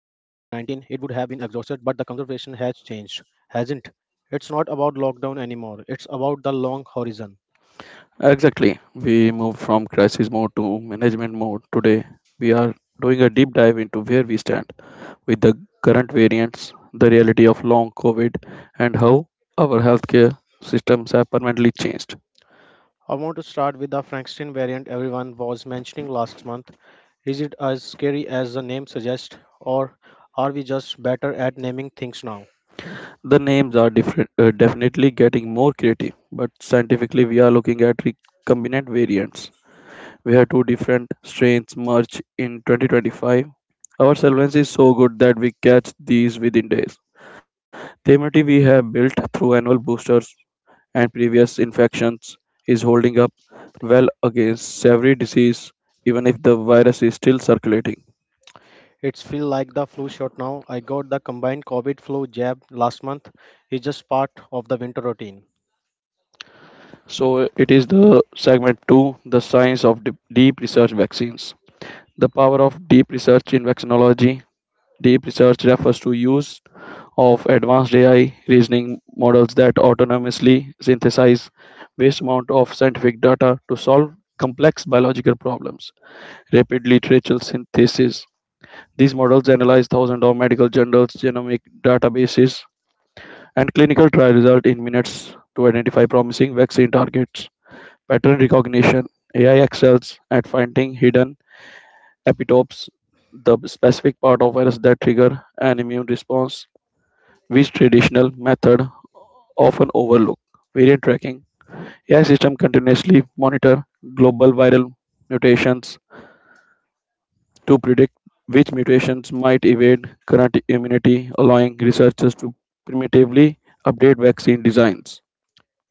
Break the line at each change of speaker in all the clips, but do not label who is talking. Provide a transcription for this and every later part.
it would have been exhausted, but the conservation has changed, hasn't? It's not about lockdown anymore, it's about the long horizon.
Exactly. We moved from crisis mode to management mode. Today we are doing a deep dive into where we stand with the current variants, the reality of long covid and how our healthcare systems have permanently changed.
I want to start with the Frankenstein variant everyone was mentioning last month. Is it as scary as the name suggests, or are we just better at naming things now?
The names are different, definitely getting more creative, but scientifically, we are looking at recombinant variants where two different strains merge in 2025. Our surveillance is so good that we catch these within days. The immunity we have built through annual boosters and previous infections is holding up well against every disease, even if the virus is still circulating.
It's feel like the flu shot now. I got the combined COVID flu jab last month. It's just part of the winter routine.
So, it is the segment 2, the science of deep research vaccines. The power of deep research in vaccinology. Deep research refers to use of advanced AI reasoning models that autonomously synthesize vast amount of scientific data to solve complex biological problems. Rapid literature synthesis. These models analyze thousands of medical journals, genomic databases, and clinical trial results in minutes to identify promising vaccine targets. Pattern recognition. AI excels at finding hidden epitopes, the specific part of virus that trigger an immune response, which traditional method often overlook. Variant tracking. AI system continuously monitor global viral mutations to predict which mutations might evade current immunity, allowing researchers to primitively update vaccine designs.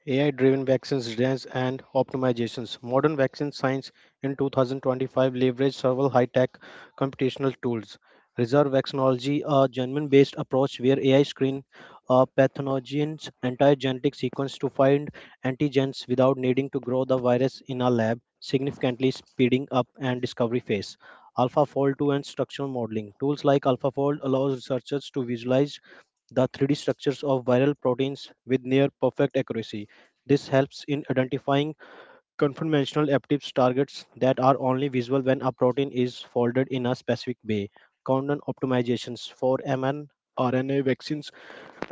AI driven vaccines designs and optimizations. Modern vaccine science in 2025 leveraged several high tech computational tools. Reserve vaccinology, a genome based approach where AI screen a pathogen's entire genetic sequence to find antigens without needing to grow the virus in a lab, significantly speeding up and discovery phase. AlphaFold 2 and structural modeling. Tools like AlphaFold allows researchers to visualize the 3D structures of viral proteins with near perfect accuracy. This helps in identifying conformational peptides targets that are only visible when a protein is folded in a specific way. Condon optimizations for mRNA vaccines.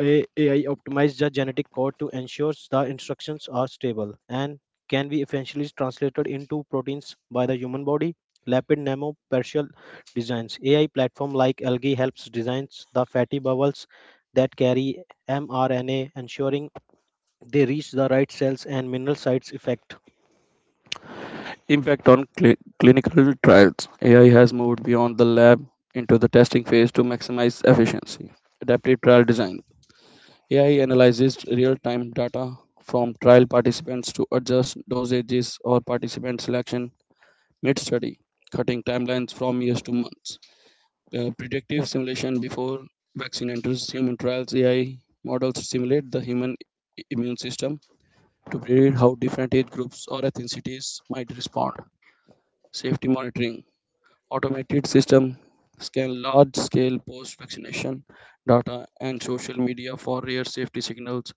AI optimizes the genetic code to ensure the instructions are stable and can be efficiently translated into proteins by the human body. Lipid nanoparticle designs. AI platform like Algae helps designs the fatty bubbles that carry mRNA, ensuring they reach the right cells and mineral sites effect.
Impact on clinical trials. AI has moved beyond the lab into the testing phase to maximize efficiency. Adaptive trial design. AI analyzes real time data from trial participants to adjust dosages or participant selection mid study, cutting timelines from years to months. Predictive simulation before vaccine enters human trials, AI models simulate the human immune system to predict how different age groups or ethnicities might respond. Safety monitoring. Automated system scan large scale post vaccination data and social media for rare safety signals,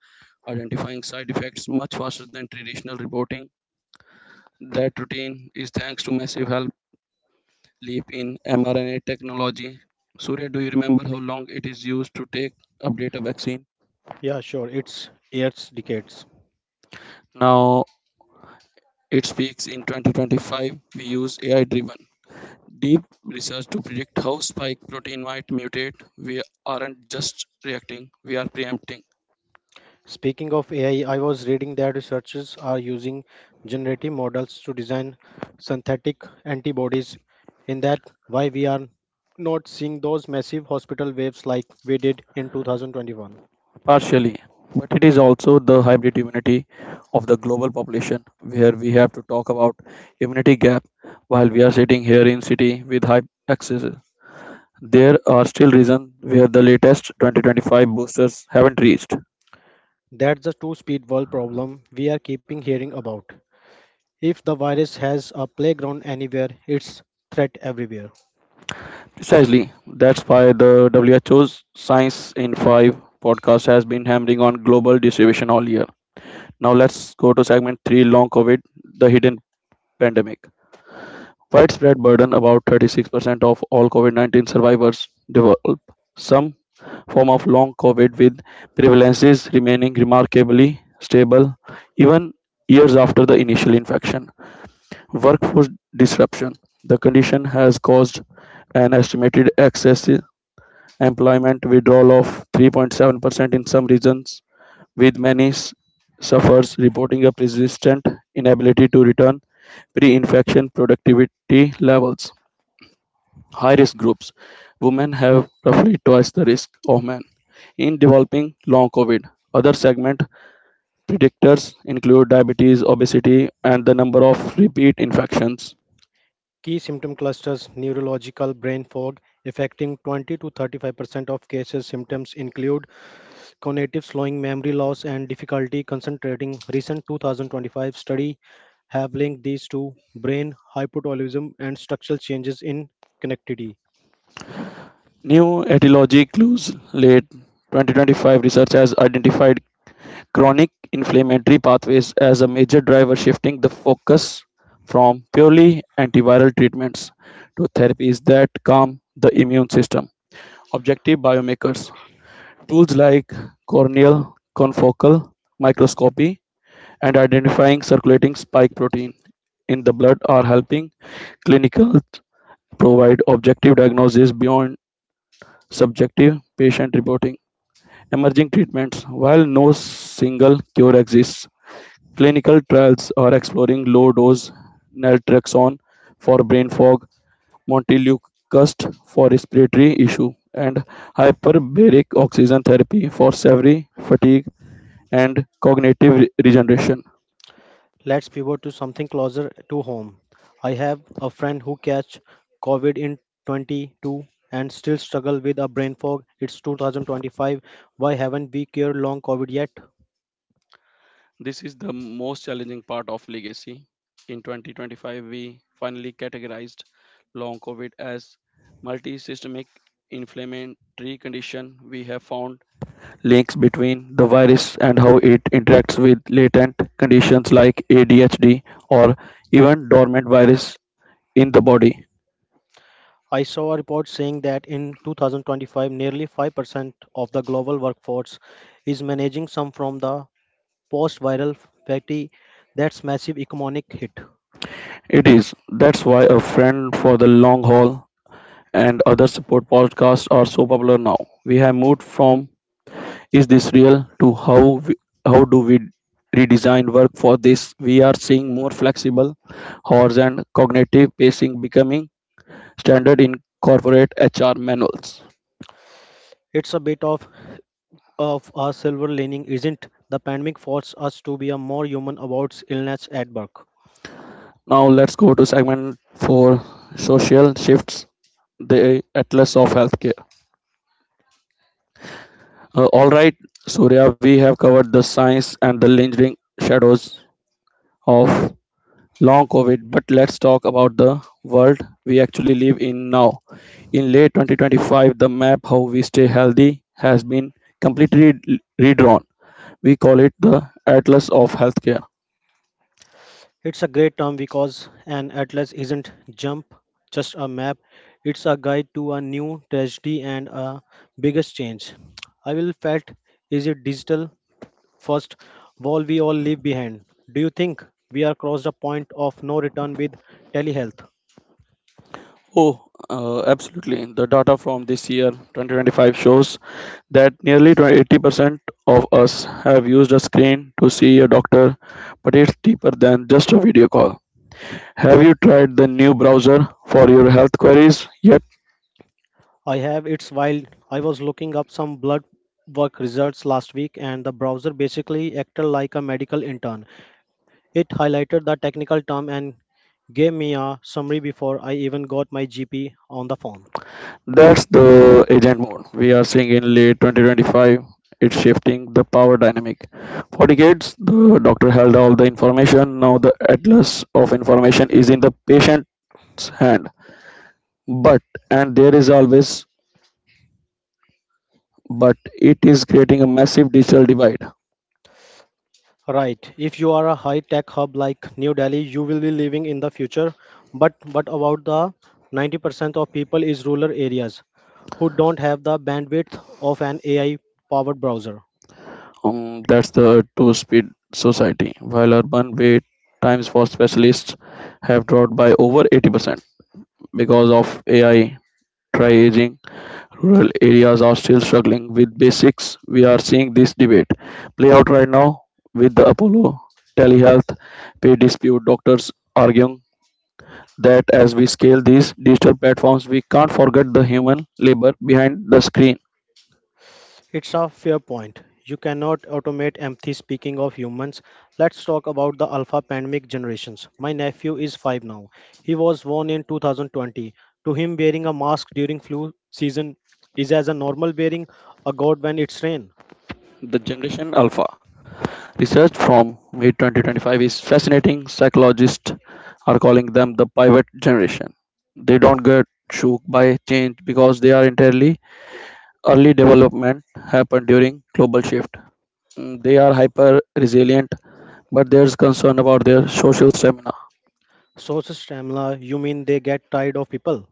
identifying side effects much faster than traditional reporting. That routine is thanks to massive help leap in mRNA technology. Surya, do you remember how long it is used to take update a vaccine?
Yeah, sure, it's years, decades.
Now it speaks in 2025. We use AI driven deep research to predict how spike protein might mutate. We aren't just reacting, we are preempting.
Speaking of AI, I was reading that researchers are using generative models to design synthetic antibodies. In that, why we are not seeing those massive hospital waves like we did in 2021.
Partially, but it is also the hybrid immunity of the global population where we have to talk about immunity gap while we are sitting here in city with high access. There are still regions where the latest 2025 boosters haven't reached.
That's the two speed world problem we are keeping hearing about. If the virus has a playground anywhere, it's threat everywhere.
Precisely, that's why the WHO's Science in 5 podcast has been hammering on global distribution all year. Now let's go to segment 3, long COVID, the hidden pandemic. Widespread burden. About 36% of all COVID 19 survivors develop some form of long COVID, with prevalences remaining remarkably stable even years after the initial infection. Workforce disruption. The condition has caused an estimated excess employment withdrawal of 3.7% in some regions, with many sufferers reporting a persistent inability to return pre-infection productivity levels. High risk groups. Women have roughly twice the risk of men in developing long COVID. Other segment predictors include diabetes, obesity, and the number of repeat infections.
Key symptom clusters neurological brain fog affecting 20 to 35% of cases. Symptoms include cognitive slowing, memory loss, and difficulty concentrating. Recent 2025 study have linked these to brain hypothyroidism and structural changes in connectivity.
New etiology clues. Late 2025 research has identified chronic inflammatory pathways as a major driver, shifting the focus from purely antiviral treatments to therapies that calm the immune system. Objective biomarkers. Tools like corneal confocal microscopy and identifying circulating spike protein in the blood are helping clinicals provide objective diagnosis beyond subjective patient reporting. Emerging treatments. While no single cure exists, clinical trials are exploring low dose naltrexone for brain fog, montelukast for respiratory issue, and hyperbaric oxygen therapy for severe fatigue and cognitive regeneration.
Let's pivot to something closer to home. I have a friend who catch COVID in 22 and still struggle with a brain fog. It's 2025. Why haven't we cured long COVID yet?
This is the most challenging part of legacy. In 2025, we finally categorized long COVID as multisystemic inflammatory condition. We have found links between the virus and how it interacts with latent conditions like ADHD or even dormant virus in the body.
I saw a report saying that in 2025, nearly 5% of the global workforce is managing some from the post viral fatty. That's massive economic hit.
It is, that's why a friend for the long haul and other support podcasts are so popular now. We have moved from "Is this real?" to we, how do we redesign work for this? We are seeing more flexible hours and cognitive pacing becoming standard in corporate HR manuals.
It's a bit of a silver lining, isn't? The pandemic forced us to be a more human about illness at work.
Now let's go to segment for social shifts, the atlas of healthcare. All right, Surya, we have covered the science and the lingering shadows of long COVID, but let's talk about the world we actually live in now. In late 2025, the map how we stay healthy has been completely redrawn. We call it the Atlas of Healthcare.
It's a great term because an atlas isn't jump, just a map. It's a guide to a new tragedy and a biggest change. I will felt is it digital first wall we all leave behind. Do you think we are crossed a point of no return with telehealth?
Oh, absolutely. The data from this year, 2025, shows that nearly 80% of us have used a screen to see a doctor, but it's deeper than just a video call. Have you tried the new browser for your health queries yet?
I have, it's wild. I was looking up some blood work results last week and the browser basically acted like a medical intern. It highlighted the technical term and gave me a summary before I even got my GP on the phone.
That's the agent mode we are seeing in late 2025. It's shifting the power dynamic. For decades, the doctor held all the information. Now, the atlas of information is in the patient's hand. But, and there is always, but it is creating a massive digital divide.
Right. If you are a high tech hub like New Delhi, you will be living in the future. But what about the 90% of people is rural areas who don't have the bandwidth of an AI powered browser.
That's the two speed society. While urban wait times for specialists have dropped by over 80% because of AI triaging, rural areas are still struggling with basics. We are seeing this debate play out right now with the Apollo telehealth pay dispute. Doctors arguing that as we scale these digital platforms, we can't forget the human labor behind the screen.
It's a fair point. You cannot automate empathy. Speaking of humans, let's talk about the alpha pandemic generations. My nephew is 5 now. He was born in 2020. To him, wearing a mask during flu season is as a normal wearing a god when it's rain.
The Generation Alpha research from mid 2025 is fascinating. Psychologists are calling them the pivot generation. They don't get shook by change because they are entirely early development happened during global shift. Mm, they are hyper resilient, but there's concern about their social stamina.
Sources Tamla, you mean they get tired of people?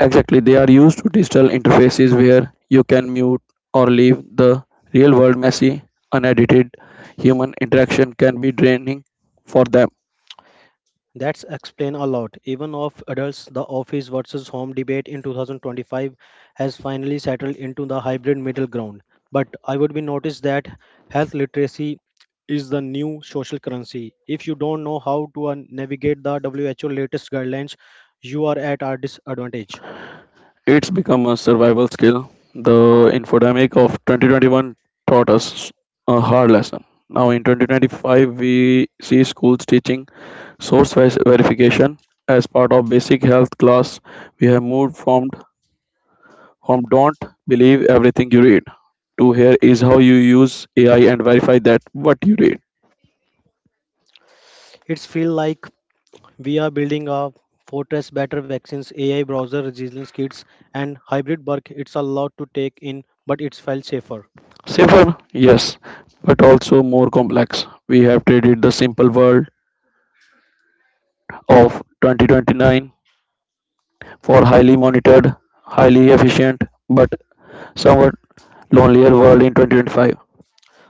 Exactly, they are used to digital interfaces where you can mute or leave the real world messy, unedited human interaction can be draining for them.
That's explain a lot. Even of adults, the office versus home debate in 2025 has finally settled into the hybrid middle ground. But I would be noticed that health literacy is the new social currency. If you don't know how to navigate the WHO latest guidelines, you are at a disadvantage.
It's become a survival skill. The infodemic of 2021 taught us a hard lesson. Now, in 2025, we see schools teaching source verification as part of basic health class. We have moved from "don't believe everything you read" to "here is how you use AI and verify that what you read."
It's feel like we are building a fortress better vaccines, AI browser resilience kits, and hybrid work. It's a lot to take in, but it's felt safer.
Safer, yes, but also more complex. We have traded the simple world of 2029 for highly monitored, highly efficient, but somewhat lonelier world in 2025.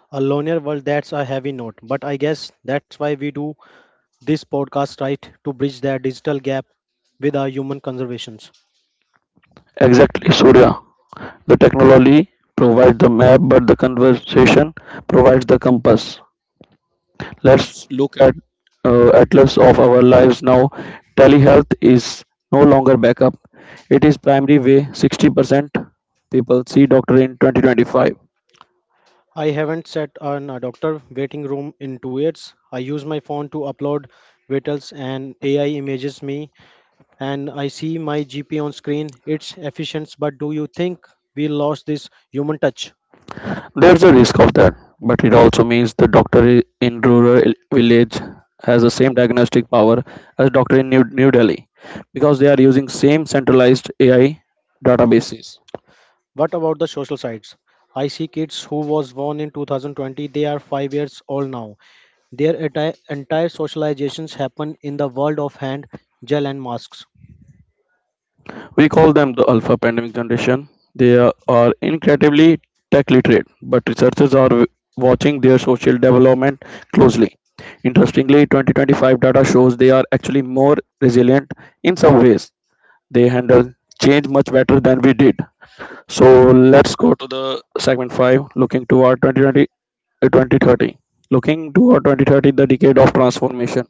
A lonelier world, that's a heavy note. But I guess that's why we do this podcast, right? To bridge that digital gap with our human conservations.
Exactly, Surya. The technology provides the map, but the conversation provides the compass. Let's look at atlas of our lives now. Telehealth is no longer backup; it is primary way. 60% people see doctor in 2025.
I haven't sat on a doctor waiting room in 2 years. I use my phone to upload vitals and AI images me and I see my GP on screen. It's efficient, but do you think we lost this human touch?
There's a risk of that, but it also means the doctor in rural village has the same diagnostic power as doctor in New Delhi because they are using same centralized AI databases.
What about the social sides? I see kids who was born in 2020, they are 5 years old now. Their entire socializations happen in the world of hand, gel, and masks.
We call them the alpha pandemic generation. They are incredibly tech literate, but researchers are watching their social development closely. Interestingly, 2025 data shows they are actually more resilient in some ways. They handle change much better than we did. So let's go to the segment 5, looking toward 2020 uh, 2030. Looking toward 2030, the decade of transformation.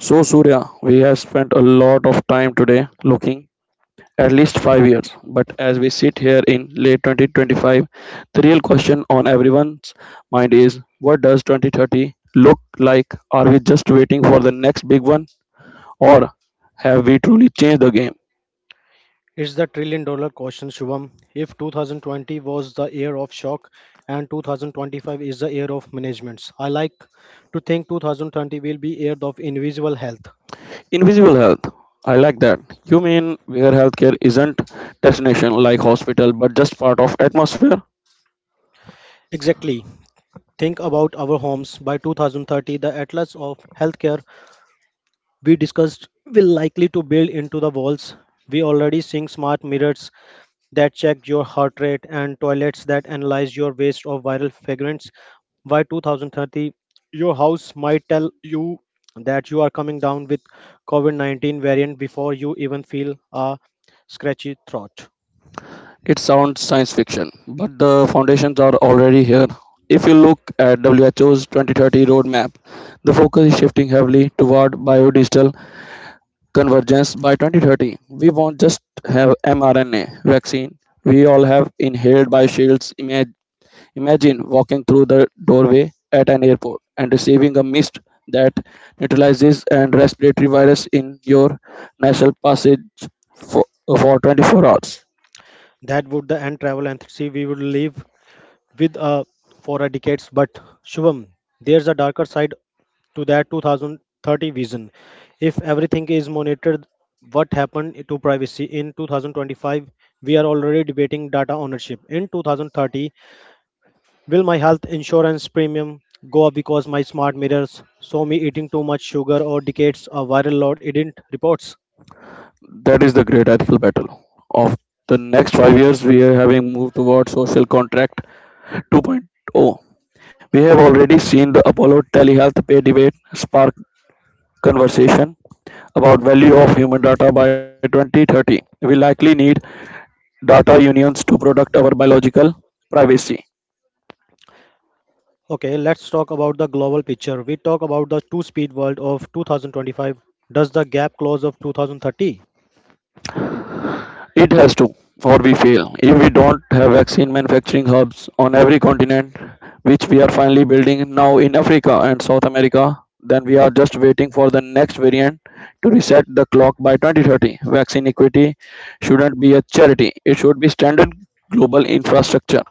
So, Surya, we have spent a lot of time today looking at least 5 years. But as we sit here in late 2025, the real question on everyone's mind is what does 2030 look like? Are we just waiting for the next big one, or have we truly changed the game?
It's the trillion-dollar question, Shubham. If 2020 was the year of shock and 2025 is the year of managements, I like to think 2020 will be year of invisible health.
Invisible health. I like that. You mean where healthcare isn't destination like hospital, but just part of atmosphere?
Exactly. Think about our homes. By 2030, the atlas of healthcare we discussed will likely to build into the walls. We already seeing smart mirrors that check your heart rate and toilets that analyze your waste of viral fragrance. By 2030, your house might tell you that you are coming down with COVID-19 variant before you even feel a scratchy throat.
It sounds science fiction, but the foundations are already here. If you look at WHO's 2030 roadmap, the focus is shifting heavily toward biodigital convergence by 2030. We won't just have mRNA vaccine. We all have inhaled by shields. Imagine walking through the doorway at an airport and receiving a mist that neutralizes and respiratory virus in your nasal passage for, for 24 hours.
That would the end travel entity we would leave with for a decades. But Shubham, there's a darker side to that 2030 vision. If everything is monitored, what happened to privacy in 2025? We are already debating data ownership. In 2030, will my health insurance premium go up because my smart mirrors saw me eating too much sugar or decades of viral load didn't reports?
That is the great ethical battle of the next 5 years. We are having moved toward social contract 2.0. We have already seen the Apollo telehealth pay debate spark conversation about value of human data by 2030. We likely need data unions to protect our biological privacy.
Okay, let's talk about the global picture. We talk about the two speed world of 2025. Does the gap close of 2030?
It has to, or we fail. If we don't have vaccine manufacturing hubs on every continent, which we are finally building now in Africa and South America, then we are just waiting for the next variant to reset the clock by 2030. Vaccine equity shouldn't be a charity, it should be standard global infrastructure.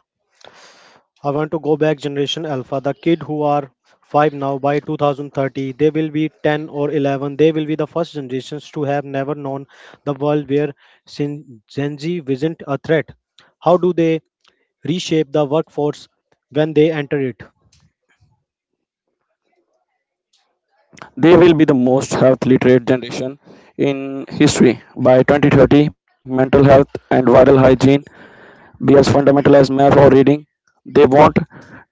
I want to go back generation alpha, the kid who are 5 now by 2030, they will be 10 or 11. They will be the first generations to have never known the world where Gen Z isn't a threat. How do they reshape the workforce when they enter it?
They will be the most health literate generation in history. By 2030, mental health and viral hygiene be as fundamental as math or reading. They won't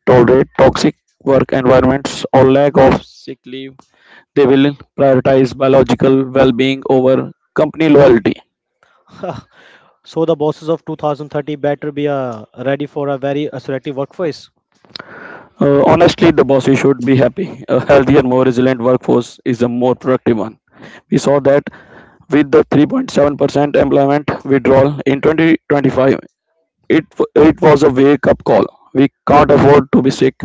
tolerate toxic work environments or lack of sick leave. They will prioritize biological well being over company loyalty.
So the bosses of 2030 better be ready for a very assertive workforce.
Honestly, the bosses should be happy. A healthier, more resilient workforce is a more productive one. We saw that with the 3.7% employment withdrawal in 2025. It, it was a wake up call. We can't afford to be sick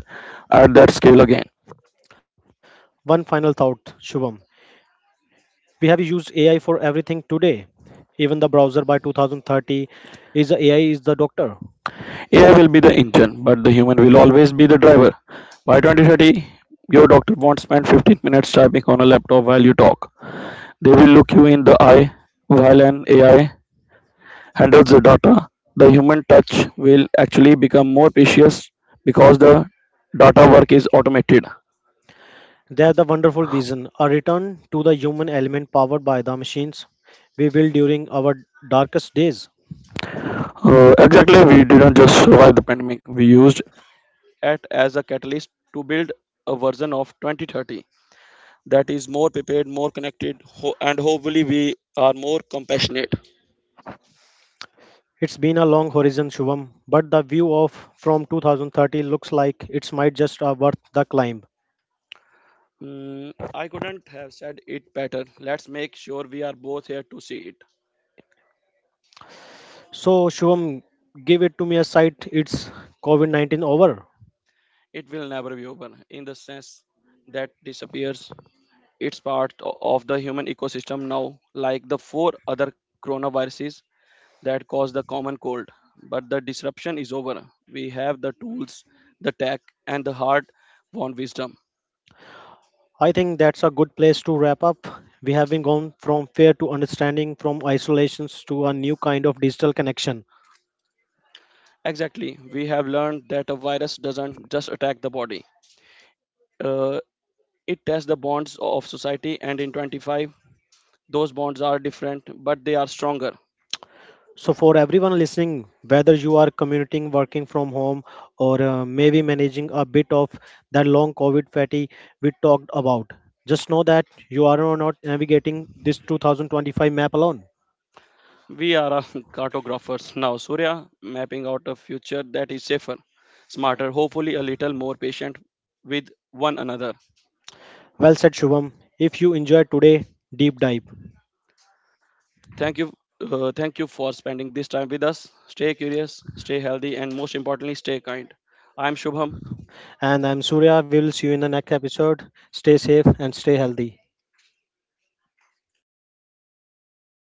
at that scale again.
One final thought, Shubham. We have used AI for everything today. Even the browser by 2030 is AI is the doctor.
AI will be the engine, but the human will always be the driver. By 2030, your doctor won't spend 15 minutes typing on a laptop while you talk. They will look you in the eye while an AI handles the data. The human touch will actually become more precious because the data work is automated.
There's the wonderful vision, a return to the human element powered by the machines we will during our darkest days.
Exactly, we didn't just survive the pandemic, we used it as a catalyst to build a version of 2030 that is more prepared, more connected, and hopefully we are more compassionate.
It's been a long horizon, Shubham, but the view of from 2030 looks like it's might just worth the climb.
Mm, I couldn't have said it better. Let's make sure we are both here to see it.
So, Shubham, give it to me a sight. It's COVID 19 over.
It will never be over in the sense that disappears. It's part of the human ecosystem now, like the four other coronaviruses that cause the common cold. But the disruption is over. We have the tools, the tech, and the hard won wisdom.
I think that's a good place to wrap up. We have been gone from fear to understanding, from isolations to a new kind of digital connection.
Exactly. We have learned that a virus doesn't just attack the body. Uh, it tests the bonds of society and in 25, those bonds are different, but they are stronger.
So, for everyone listening, whether you are commuting, working from home, or maybe managing a bit of that long COVID fatigue we talked about, just know that you are not navigating this 2025 map alone.
We are cartographers now, Surya, mapping out a future that is safer, smarter, hopefully a little more patient with one another.
Well said, Shubham. If you enjoyed today, deep dive.
Thank you, thank you for spending this time with us. Stay curious, stay healthy, and most importantly, stay kind. I'm Shubham.
And I'm Surya. We will see you in the next episode. Stay safe and stay healthy.